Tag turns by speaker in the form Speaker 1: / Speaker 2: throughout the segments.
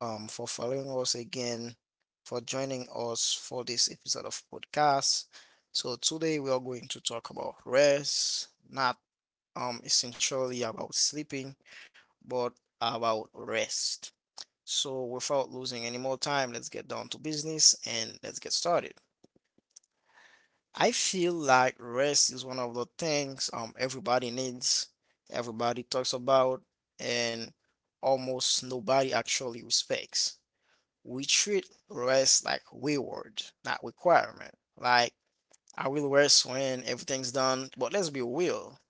Speaker 1: for following us again, for joining us for this episode of podcast. So today we are going to talk about rest, not essentially about sleeping, but about rest. So without losing any more time, let's get down to business and let's get started. I feel like rest is one of the things everybody needs, everybody talks about, and almost nobody actually respects. We treat rest like reward, not requirement. Like I will rest when everything's done, but let's be real,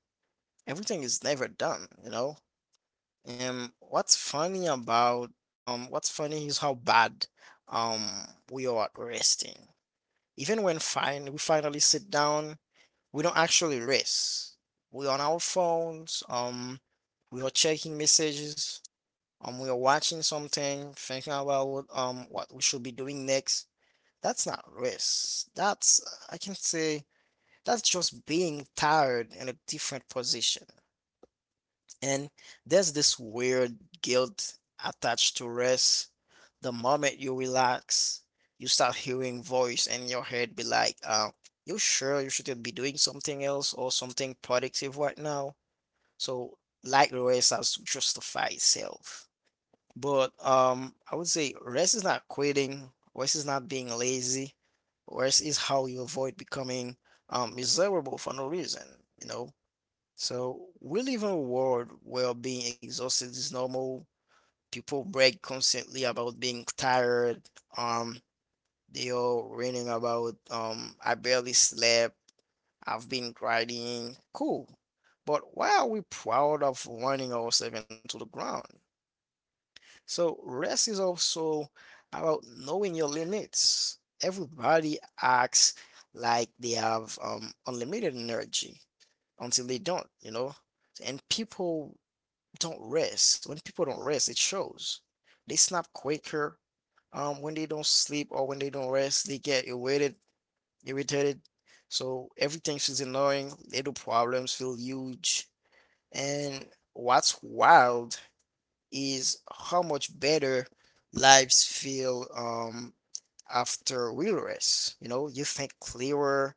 Speaker 1: everything is never done, you know? And what's funny about what's funny is how bad um we are at resting. Even when fine we finally sit down we don't actually race. We're on our phones, we are checking messages, we are watching something, thinking about what we should be doing next. That's not race. That's, I can say, that's just being tired in a different position. And there's this weird guilt attached to rest. The moment you relax, you start hearing voice in your head be like, you sure you shouldn't be doing something else or something productive right now? So like rest has to justify itself. But I would say rest is not quitting, rest is not being lazy, rest is how you avoid becoming miserable for no reason, you know? So we live in a world where being exhausted is normal. People brag constantly about being tired. Um, they all ranting about, I barely slept. I've been grinding. Cool. But why are we proud of running ourselves into the ground? So rest is also about knowing your limits. Everybody acts like they have, unlimited energy until they don't, you know? And people don't rest. When people don't rest, it shows. They snap quicker. When they don't sleep or when they don't rest, they get irritated. So everything feels annoying. Little problems feel huge. And what's wild is how much better lives feel after real rest. You know, you think clearer.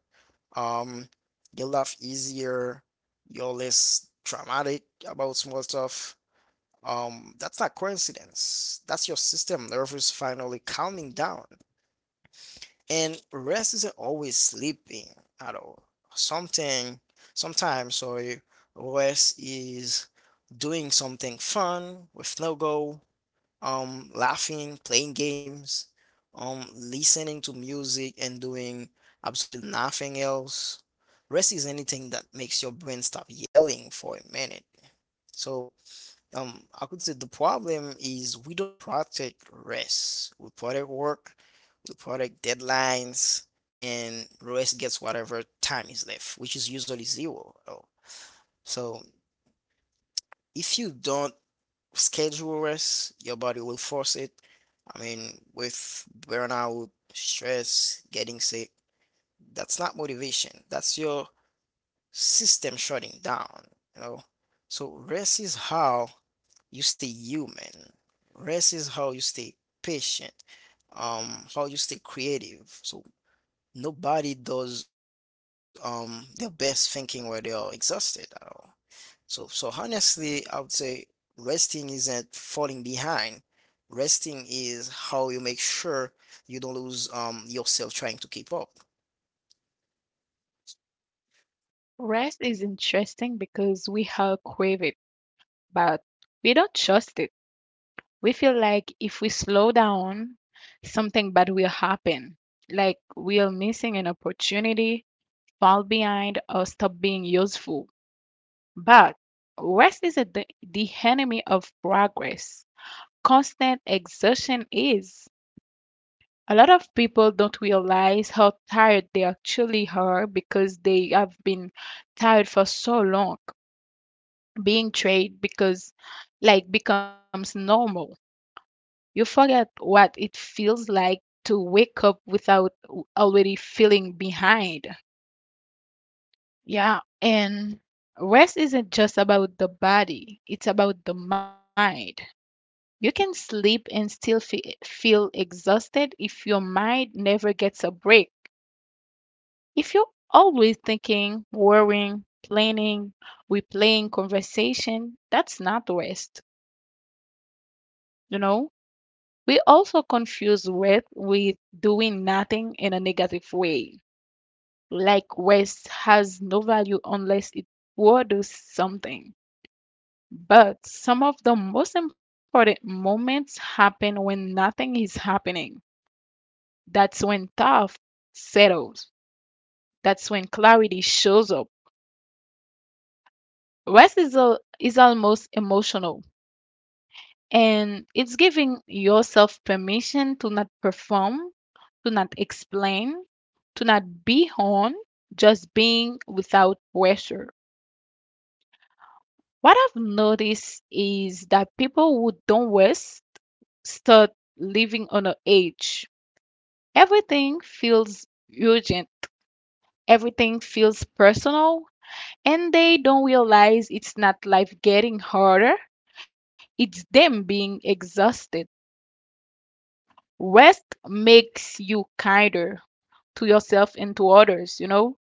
Speaker 1: Um, you laugh easier. You're less traumatic about small stuff, that's not coincidence. That's your system nervous finally calming down. And rest isn't always sleeping at all. Something, sometimes rest is doing something fun with no goal, laughing, playing games, listening to music and doing absolutely nothing else. Rest is anything that makes your brain stop yelling for a minute. So, I could say the problem is we don't protect rest. We protect work, we protect deadlines, and rest gets whatever time is left, which is usually zero. Oh. So if you don't schedule rest, your body will force it. I mean, with burnout, stress, getting sick, that's not motivation. That's your system shutting down, you know? So rest is how you stay human. Rest is how you stay patient, how you stay creative. So nobody does their best thinking where they are exhausted at all. So honestly, I would say resting isn't falling behind. Resting is how you make sure you don't lose yourself trying to keep up.
Speaker 2: Rest is interesting because we all crave it, but we don't trust it. We feel like if we slow down, something bad will happen. Like we are missing an opportunity, fall behind, or stop being useful. But rest is a, the enemy of progress. Constant exertion is. A lot of people don't realize how tired they actually are because they have been tired for so long. Being trade because like becomes normal. You forget what it feels like to wake up without already feeling behind. Yeah, and rest isn't just about the body, it's about the mind. You can sleep and still feel exhausted if your mind never gets a break. If you're always thinking, worrying, planning, replaying conversation, that's not rest, you know? We also confuse rest with doing nothing in a negative way, like rest has no value unless it produces something. But some of the most important moments happen when nothing is happening. That's when thought settles. That's when clarity shows up. Rest is, almost emotional. And it's giving yourself permission to not perform, to not explain, to not be on, just being without pressure. What I've noticed is that people who don't rest start living on an edge. Everything feels urgent, everything feels personal, and they don't realize it's not life getting harder, it's them being exhausted. Rest makes you kinder, to yourself and to others, you know?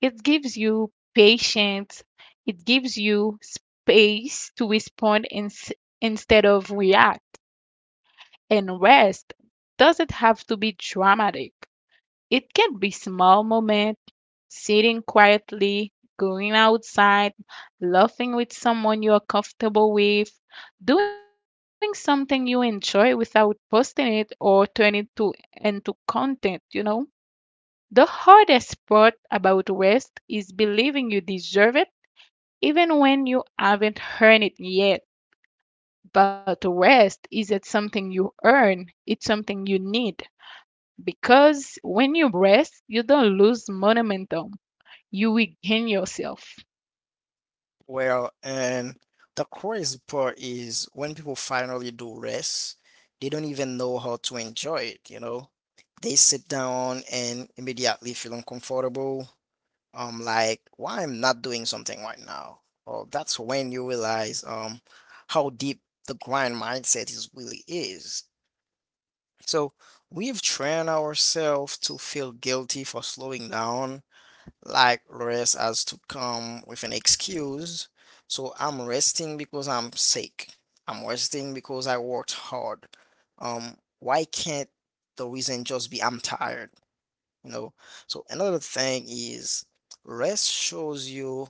Speaker 2: It gives you patience, it gives you space to respond instead of react and rest. Doesn't have to be dramatic. It can be small moment, sitting quietly, going outside, laughing with someone you are comfortable with, doing something you enjoy without posting it or turning it to into content, you know? The hardest part about rest is believing you deserve it even when you haven't earned it yet. But rest isn't something you earn, it's something you need. Because when you rest, you don't lose momentum, you regain yourself.
Speaker 1: Well, and the crazy part is when people finally do rest, they don't even know how to enjoy it, you know? They sit down and immediately feel uncomfortable. Like, why I'm not doing something right now? Or that's when you realize how deep the grind mindset is really is. So we've trained ourselves to feel guilty for slowing down like rest has to come with an excuse. So I'm resting because I'm sick. I'm resting because I worked hard. Why can't the reason just be I'm tired? You know. So another thing is rest shows you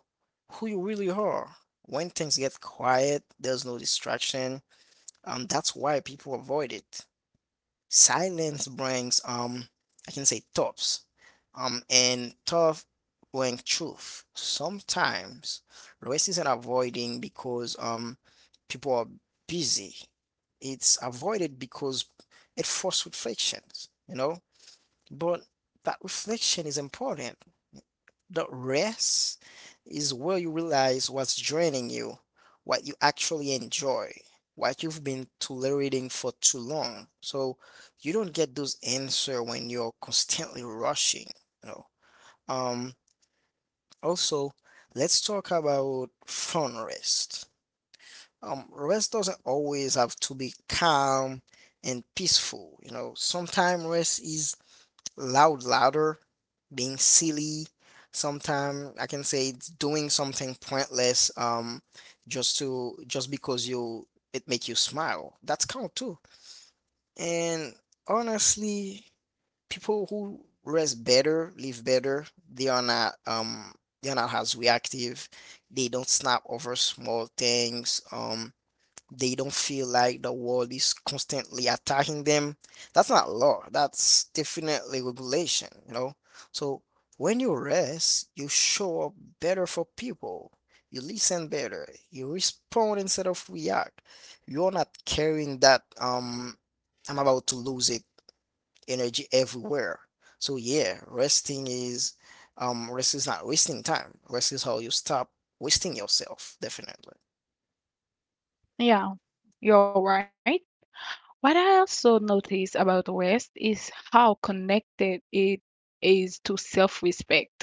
Speaker 1: who you really are. When things get quiet, there's no distraction. That's why people avoid it. Silence brings I can say, thoughts. And thought brings truth. Sometimes racism avoiding because people are busy. It's avoided because it forces reflections, you know? But that reflection is important the rest is where you realize what's draining you, what you actually enjoy, what you've been tolerating for too long. So you don't get those answers when you're constantly rushing, you know. Um, Also, let's talk about fun rest. Rest doesn't always have to be calm and peaceful, you know. Sometimes rest is louder, being silly. Sometimes, I can say, it's doing something pointless just to, just because you, it make you smile, that's count too. And honestly, people who rest better live better. They are not they're not as reactive. They don't snap over small things they don't feel like the world is constantly attacking them. That's not law. That's definitely regulation, you know? So when you rest, you show up better for people. You listen better. You respond instead of react. You're not carrying that I'm about to lose it energy everywhere. So yeah, rest is not wasting time. Rest is how you stop wasting yourself, definitely.
Speaker 2: Yeah, you're right. What I also notice about rest is how connected it is to self respect.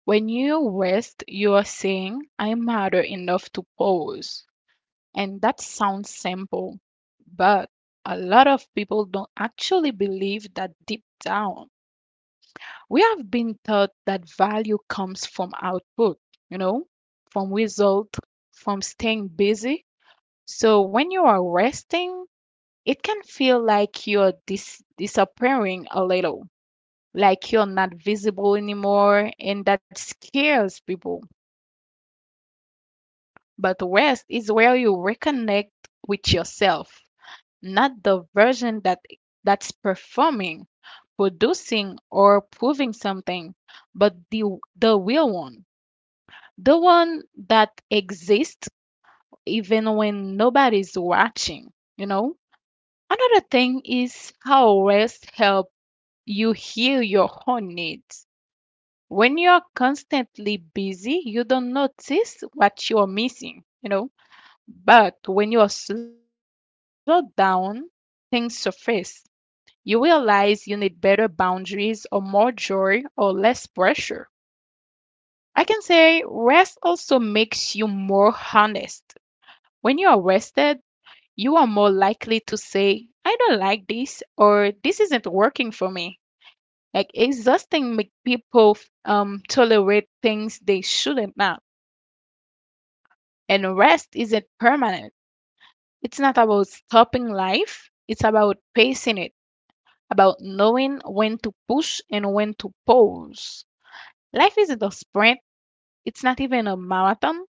Speaker 2: When you rest, you are saying, I matter enough to pause. And that sounds simple, but a lot of people don't actually believe that deep down. We have been taught that value comes from output, you know, from result, from staying busy. So when you are resting, it can feel like you're disappearing a little, like you're not visible anymore, and that scares people. But rest is where you reconnect with yourself, not the version that that's performing, producing or proving something, but the real one. The one that exists even when nobody's watching, you know? Another thing is how rest help you heal your own needs. When you're constantly busy, you don't notice what you're missing, you know? But when you are slowed down, things surface. You realize you need better boundaries or more joy or less pressure. I can say rest also makes you more honest. When you are rested, you are more likely to say, I don't like this or this isn't working for me. Like exhausting make people tolerate things they shouldn't not. And rest isn't permanent. It's not about stopping life. It's about pacing it. About knowing when to push and when to pause. Life isn't a sprint, it's not even a marathon.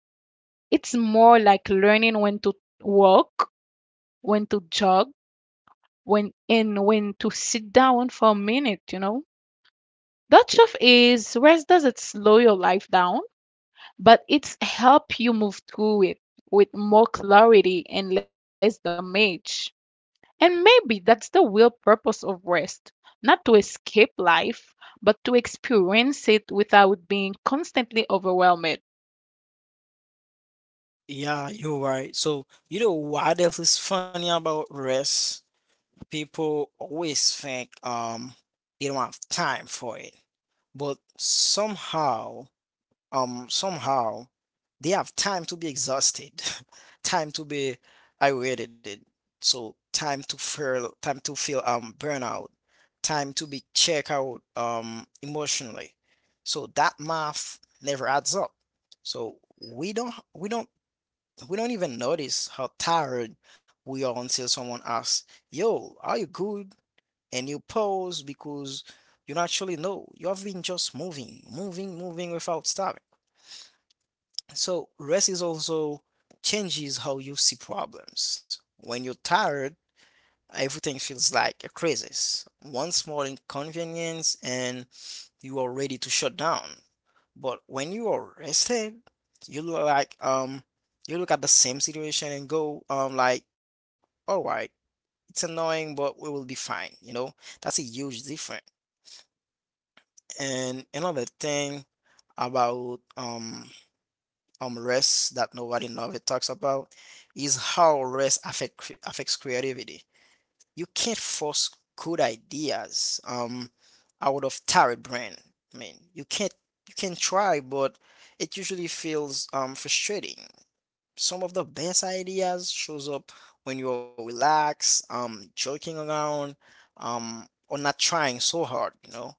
Speaker 2: It's more like learning when to walk, when to jog, when to sit down for a minute, you know? That stuff is rest doesn't slow your life down, but it's help you move through it with more clarity and less damage. And maybe that's the real purpose of rest not to escape life, but to experience it without being constantly overwhelmed.
Speaker 1: Yeah, you're right. So, you know what else is funny about rest? People always think they don't have time for it. But somehow, somehow they have time to be exhausted, time to be irritated. So, time to feel burnout, time to be check out emotionally. So that math never adds up. So we don't we don't we don't even notice how tired we are until someone asks, Yo, are you good? And you pause because you naturally know you have been just moving, moving, moving without stopping. So rest is also changes how you see problems. When you're tired, everything feels like a crisis. One small inconvenience and you are ready to shut down. But when you are rested, you look like um you look at the same situation and go like, all right, it's annoying, but we will be fine, you know? That's a huge difference. And another thing about rest that nobody never talks about is how affects creativity. You can't force good ideas out of tired brain. I mean, you can't you can try, but it usually feels frustrating. Some of the best ideas shows up when you're relaxed, joking around, or not trying so hard, you know.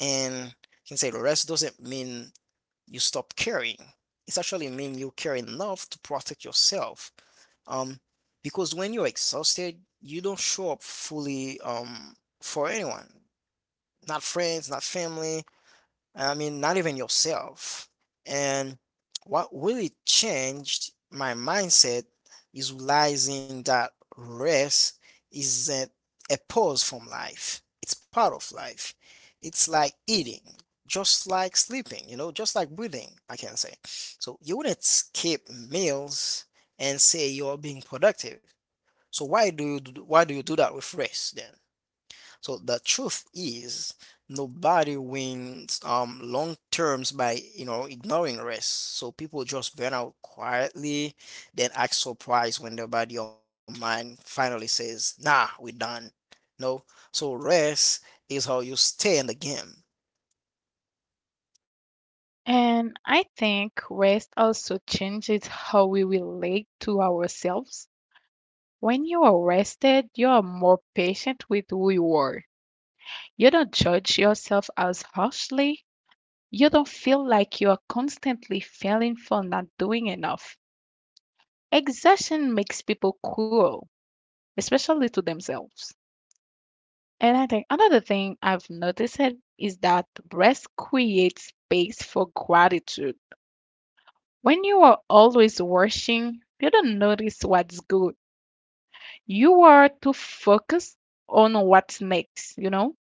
Speaker 1: And you can say the rest doesn't mean you stop caring. It's actually mean you care enough to protect yourself um, because when you're exhausted, you don't show up fully for anyone, not friends, not family, and I mean not even yourself. And what really changed my mindset is realizing that rest isn't a pause from life. It's part of life. It's like eating, just like sleeping, you know, just like breathing, I can say. So you wouldn't skip meals and say you're being productive. So why do you do that with race then? So the truth is nobody wins long terms by you know ignoring race. So people just burn out quietly, then act surprised when their body or mind finally says, "Nah, we're done." No, so race is how you stay in the game.
Speaker 2: And I think rest also changes how we relate to ourselves. When you are rested, you are more patient with who you are. You don't judge yourself as harshly. You don't feel like you are constantly failing for not doing enough. Exhaustion makes people cruel, especially to themselves. And I think another thing I've noticed it is that rest creates space for gratitude. When you are always rushing, you don't notice what's good. You are too focused on what's next, you know?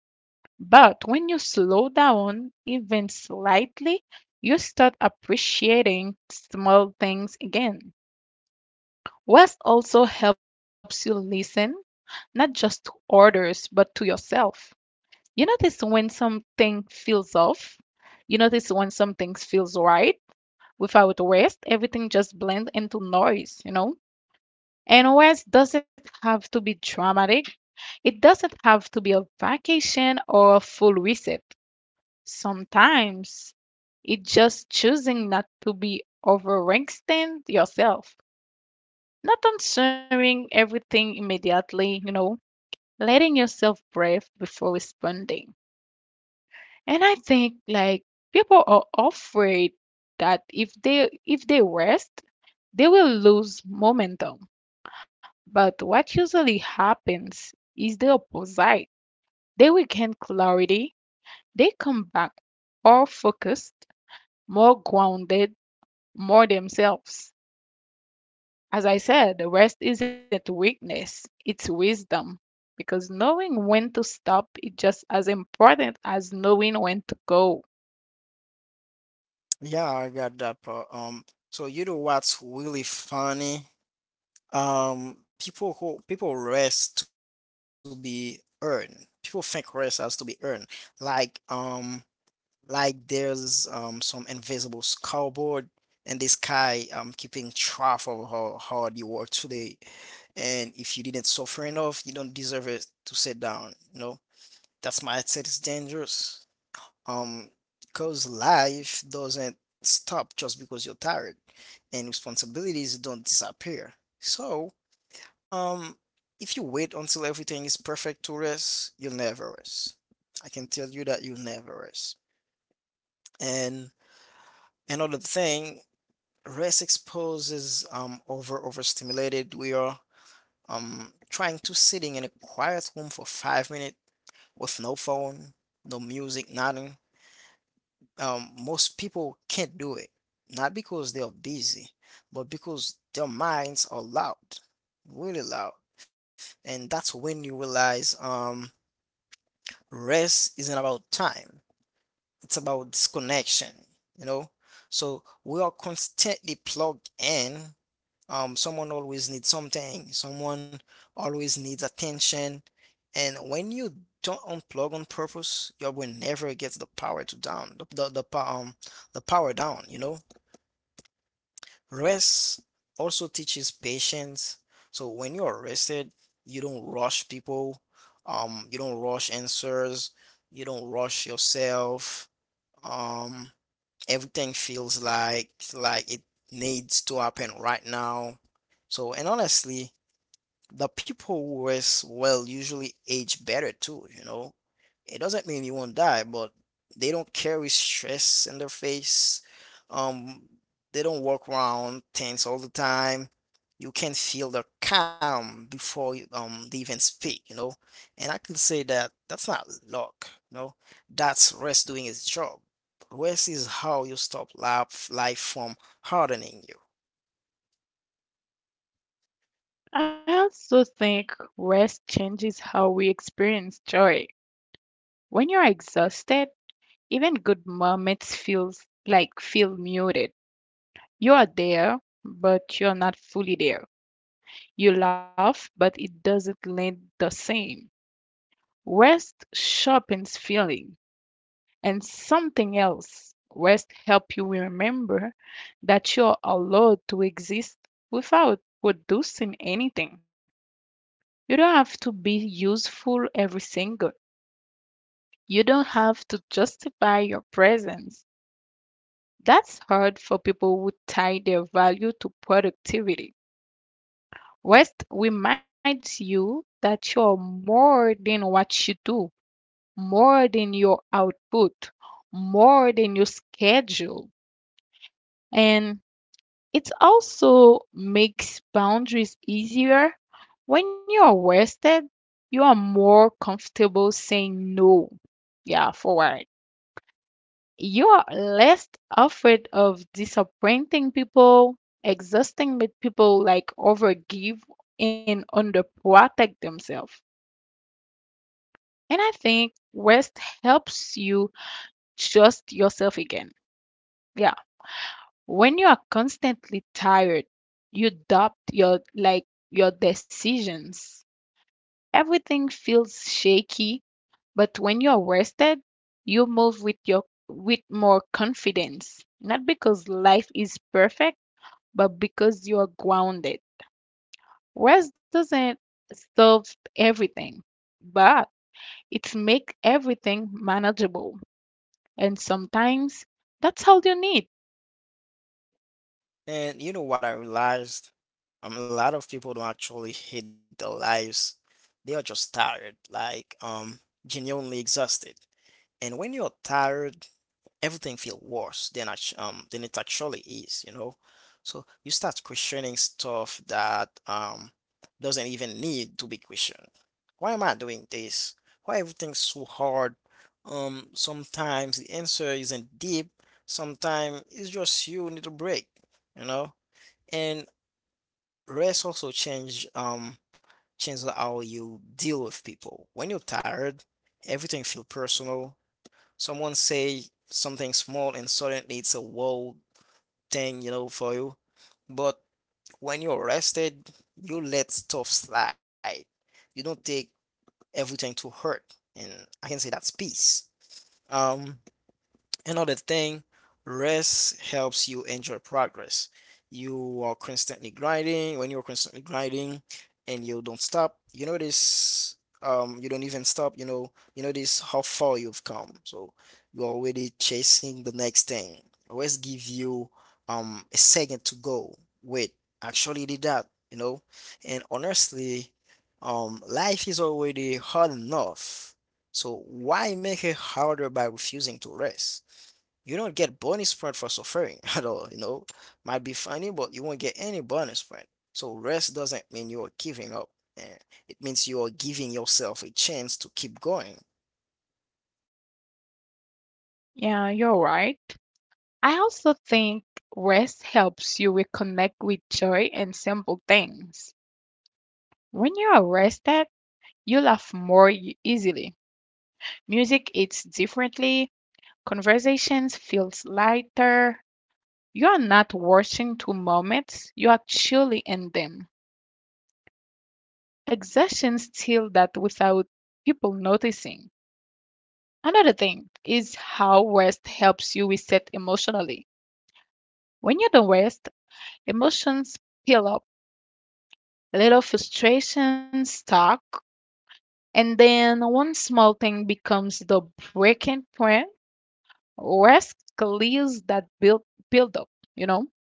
Speaker 2: But when you slow down, even slightly, you start appreciating small things again. Rest also helps you listen, not just to orders, but to yourself. You notice when something feels off. You notice when something feels right. Without rest, everything just blends into noise, you know? And rest doesn't have to be dramatic. It doesn't have to be a vacation or a full reset. Sometimes it's just choosing not to be overextend yourself, not answering everything immediately, you know, letting yourself breathe before responding. And I think like people are afraid that if they rest, they will lose momentum. But what usually happens is the opposite. They regain clarity, they come back more focused, more grounded, more themselves. As I said, the rest isn't weakness, it's wisdom. Because knowing when to stop is just as important as knowing when to go.
Speaker 1: Yeah, I got that part. So you know what's really funny? People rest to be earned people think rest has to be earned, like um like there's some invisible scoreboard in the sky keeping track of how hard you work today, and if you didn't suffer enough you don't deserve it to sit down, you know. That's my mindset is dangerous um because life doesn't stop just because you're tired, and responsibilities don't disappear. So um, if you wait until everything is perfect to rest, you'll never rest. I can tell you that, you'll never rest. And another thing, rest exposes overstimulated. We are trying to sitting in a quiet room for 5 minutes with no phone, no music, nothing. Most people can't do it, not because they are busy, but because their minds are loud, really loud. And that's when you realize rest isn't about time, it's about disconnection, you know. So we are constantly plugged in. Someone always needs something, someone always needs attention, and when you don't unplug on purpose your brain never gets the power to down the power down, you know. Rest also teaches patience. So when you're rested, you don't rush people. You don't rush answers. You don't rush yourself. Um, Everything feels like it needs to happen right now. So and honestly, the people who rest well usually age better too, you know. It doesn't mean you won't die, but they don't carry stress in their face. Um, they don't walk around tense all the time. You can feel their calm before they even speak, you know. And I can say that that's not luck, you know. That's rest doing its job. Rest is how you stop life from hardening.
Speaker 2: I also think rest changes how we experience joy. When you're exhausted, even good moments feels like feel muted. You are there, but you're not fully there. You laugh, but it doesn't land the same. Rest sharpens feeling. And something else, rest help you remember that you're allowed to exist without producing anything. You don't have to be useful every single. You don't have to justify your presence. That's hard for people who tie their value to productivity. Rest reminds you that you're more than what you do, more than your output, more than your schedule. And it also makes boundaries easier. When you're rested, you are more comfortable saying no. Yeah, for what? You are less afraid of disappointing people, exhausting with people like overgive and underprotect themselves. And I think rest helps you trust yourself again. Yeah. When you are constantly tired, you doubt your like your decisions. Everything feels shaky, but when you're rested, you move with your with more confidence. Not because life is perfect but because you are grounded. Rest doesn't solve everything, but it makes everything manageable. And sometimes that's all you need.
Speaker 1: And you know what I realized? A lot of people don't actually hate their lives. They are just tired, like genuinely exhausted. And when you're tired, everything feels worse than than it actually is, you know? So you start questioning stuff that doesn't even need to be questioned. Why am I doing this? Why everything's so hard? Sometimes the answer isn't deep. Sometimes it's just you need a break, you know? And rest also change how you deal with people. When you're tired, everything feel personal. Someone say something small and suddenly it's a whole thing, for you. But when you're rested, you let stuff slide. You don't take everything to hurt. And I can say that's peace. Um Another thing, rest helps you enjoy progress. You are constantly grinding. When you're constantly grinding and you don't stop, you notice you don't even stop, you notice how far you've come. So you're already chasing the next thing. Always give you a second to go. Wait, actually did that, you know? And honestly, life is already hard enough. So why make it harder by refusing to rest? You don't get bonus point for suffering at all, you know. Might be funny, but you won't get any bonus point. So rest doesn't mean you're giving up. eh, It means you're giving yourself a chance to keep going.
Speaker 2: Yeah, you're right. I also think rest helps you reconnect with joy and simple things. When you are rested, you laugh more easily. Music hits differently, conversations feels lighter. You are not rushing to moments, you are truly in them. Exhaustion steals that without people noticing. Another thing is how rest helps you reset emotionally. When you don't rest, emotions pile up, little frustrations stack, and then one small thing becomes the breaking point. Rest clears that build up, you know?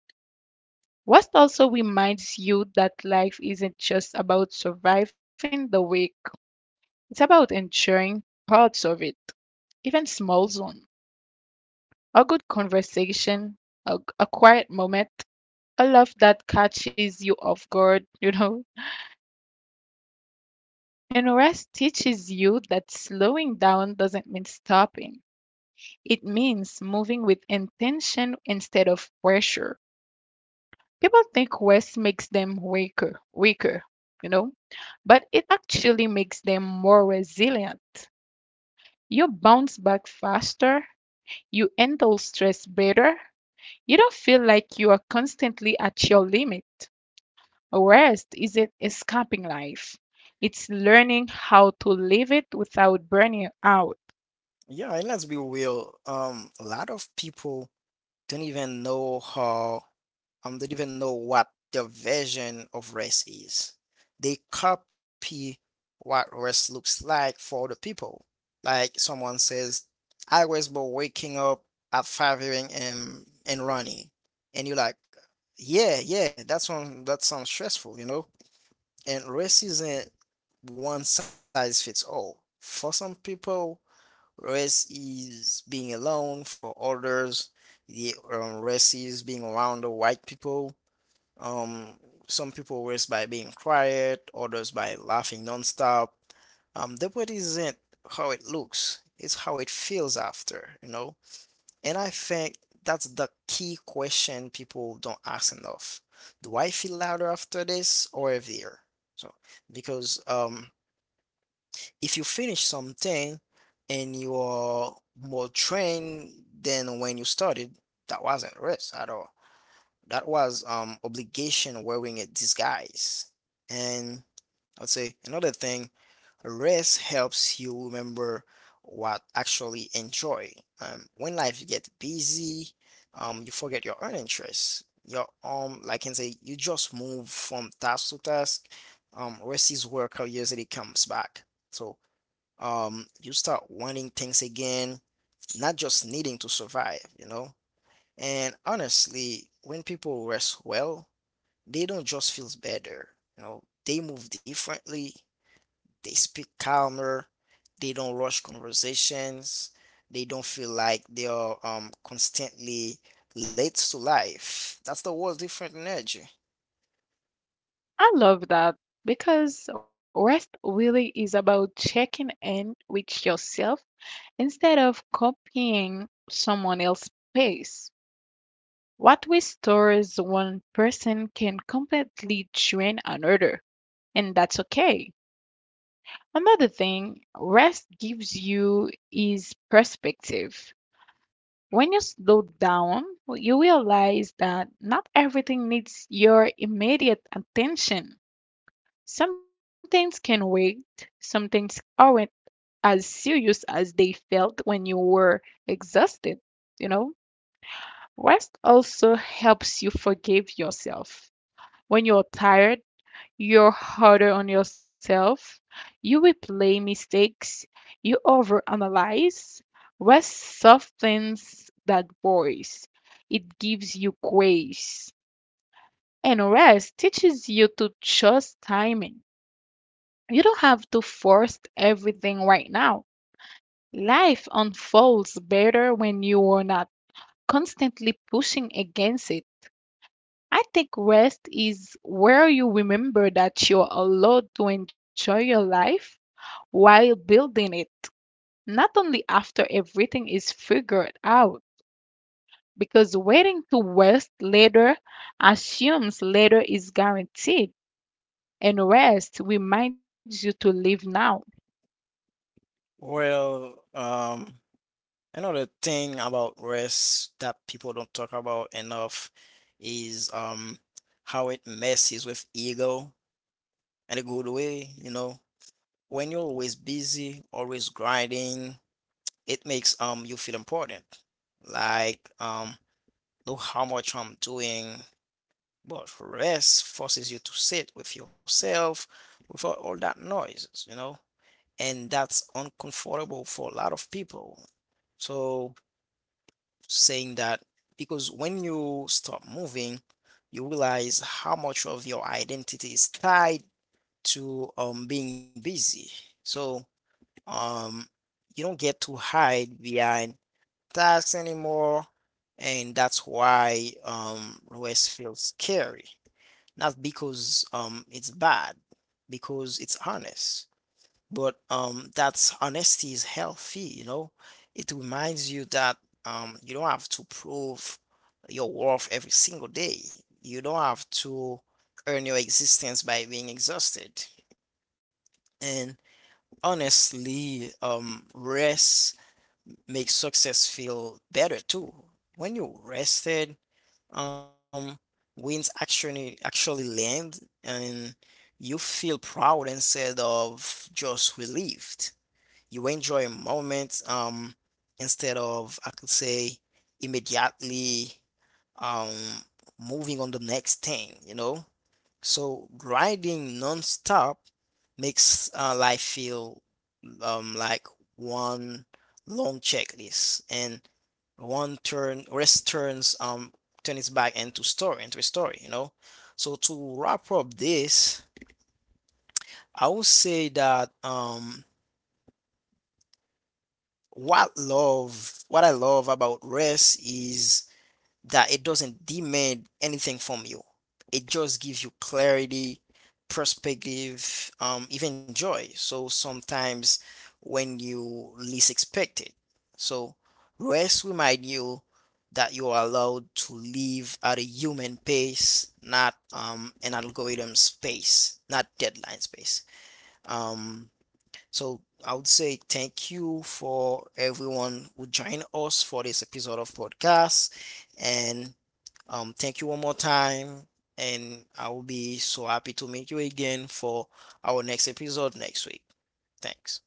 Speaker 2: Rest also reminds you that life isn't just about surviving the week, it's about enjoying parts of it, even small ones. A good conversation, a quiet moment, a love that catches you off guard, you know. And rest teaches you that slowing down doesn't mean stopping. It means moving with intention instead of pressure. People think rest makes them weaker, you know? But it actually makes them more resilient. You bounce back faster, you handle stress better, you don't feel like you are constantly at your limit. Rest isn't escaping life, it's learning how to live it without burning out.
Speaker 1: Yeah, and let's be real. A lot of people don't even know how don't even know what their version of rest is. They copy what rest looks like for the people. Like someone says, I was born waking up at 5 a.m. and running. And you're like, yeah, yeah, that's one that sounds stressful, you know? And rest isn't one size fits all. For some people, rest is being alone for others. The rest is being around the white people. Um, some people rest by being quiet, others by laughing nonstop. The body isn't how it looks, it's how it feels after, you know? And I think that's the key question people don't ask enough. Do I feel louder after this or heavier? So, because if you finish something and you are more trained than when you started, that wasn't rest at all. That was obligation wearing a disguise. And I would say another thing, rest helps you remember what actually enjoy. When life gets busy, you forget your own interests. Your like I can say, you just move from task to task. Rest is where curiosity comes back. So you start wanting things again, not just needing to survive, you know. And honestly, when people rest well, they don't just feel better, you know, they move differently, they speak calmer, they don't rush conversations, they don't feel like they are constantly late to life. That's the whole different energy.
Speaker 2: I love that because rest really is about checking in with yourself instead of copying someone else's pace. What we store as one person can completely drain another, and that's okay. Another thing rest gives you is perspective. When you slow down, you realize that not everything needs your immediate attention. Some things can wait, some things aren't as serious as they felt when you were exhausted, you know? Rest also helps you forgive yourself. When you're tired, you're harder on yourself. You replay mistakes. You overanalyze. Rest softens that voice. It gives you grace. And rest teaches you to trust timing. You don't have to force everything right now. Life unfolds better when you are not constantly pushing against it. I think rest is where you remember that you're allowed to enjoy your life while building it, not only after everything is figured out, because waiting to rest later assumes later is guaranteed, and rest reminds you to live now.
Speaker 1: Well, another thing about rest that people don't talk about enough is how it messes with ego in a good way, you know. When you're always busy, always grinding, it makes you feel important. Like look how much I'm doing, but rest forces you to sit with yourself without all that noises, you know. And that's uncomfortable for a lot of people. So saying that because when you stop moving, you realize how much of your identity is tied to being busy. So um you don't get to hide behind tasks anymore, and that's why rest feels scary. Not because it's bad, because it's honest, but that's honesty is healthy, you know. It reminds you that you don't have to prove your worth every single day, you don't have to earn your existence by being exhausted. And honestly, rest makes success feel better too. When you're rested, um wins actually land, and you feel proud instead of just relieved. You enjoy a moment, instead of, I could say, immediately, um, moving on the next thing, you know? So grinding nonstop makes life feel, like one long checklist. And one turn rest turns turn its back into story into a story, you know. So to wrap up this, I would say that what I love about rest is that it doesn't demand anything from you. It just gives you clarity, perspective, even joy. So sometimes when you least expect it. So rest remind you that you are allowed to live at a human pace, not an algorithm space, not deadline space. Um, so I would say thank you for everyone who joined us for this episode of podcast, and thank you one more time. And I will be so happy to meet you again for our next episode next week. Thanks.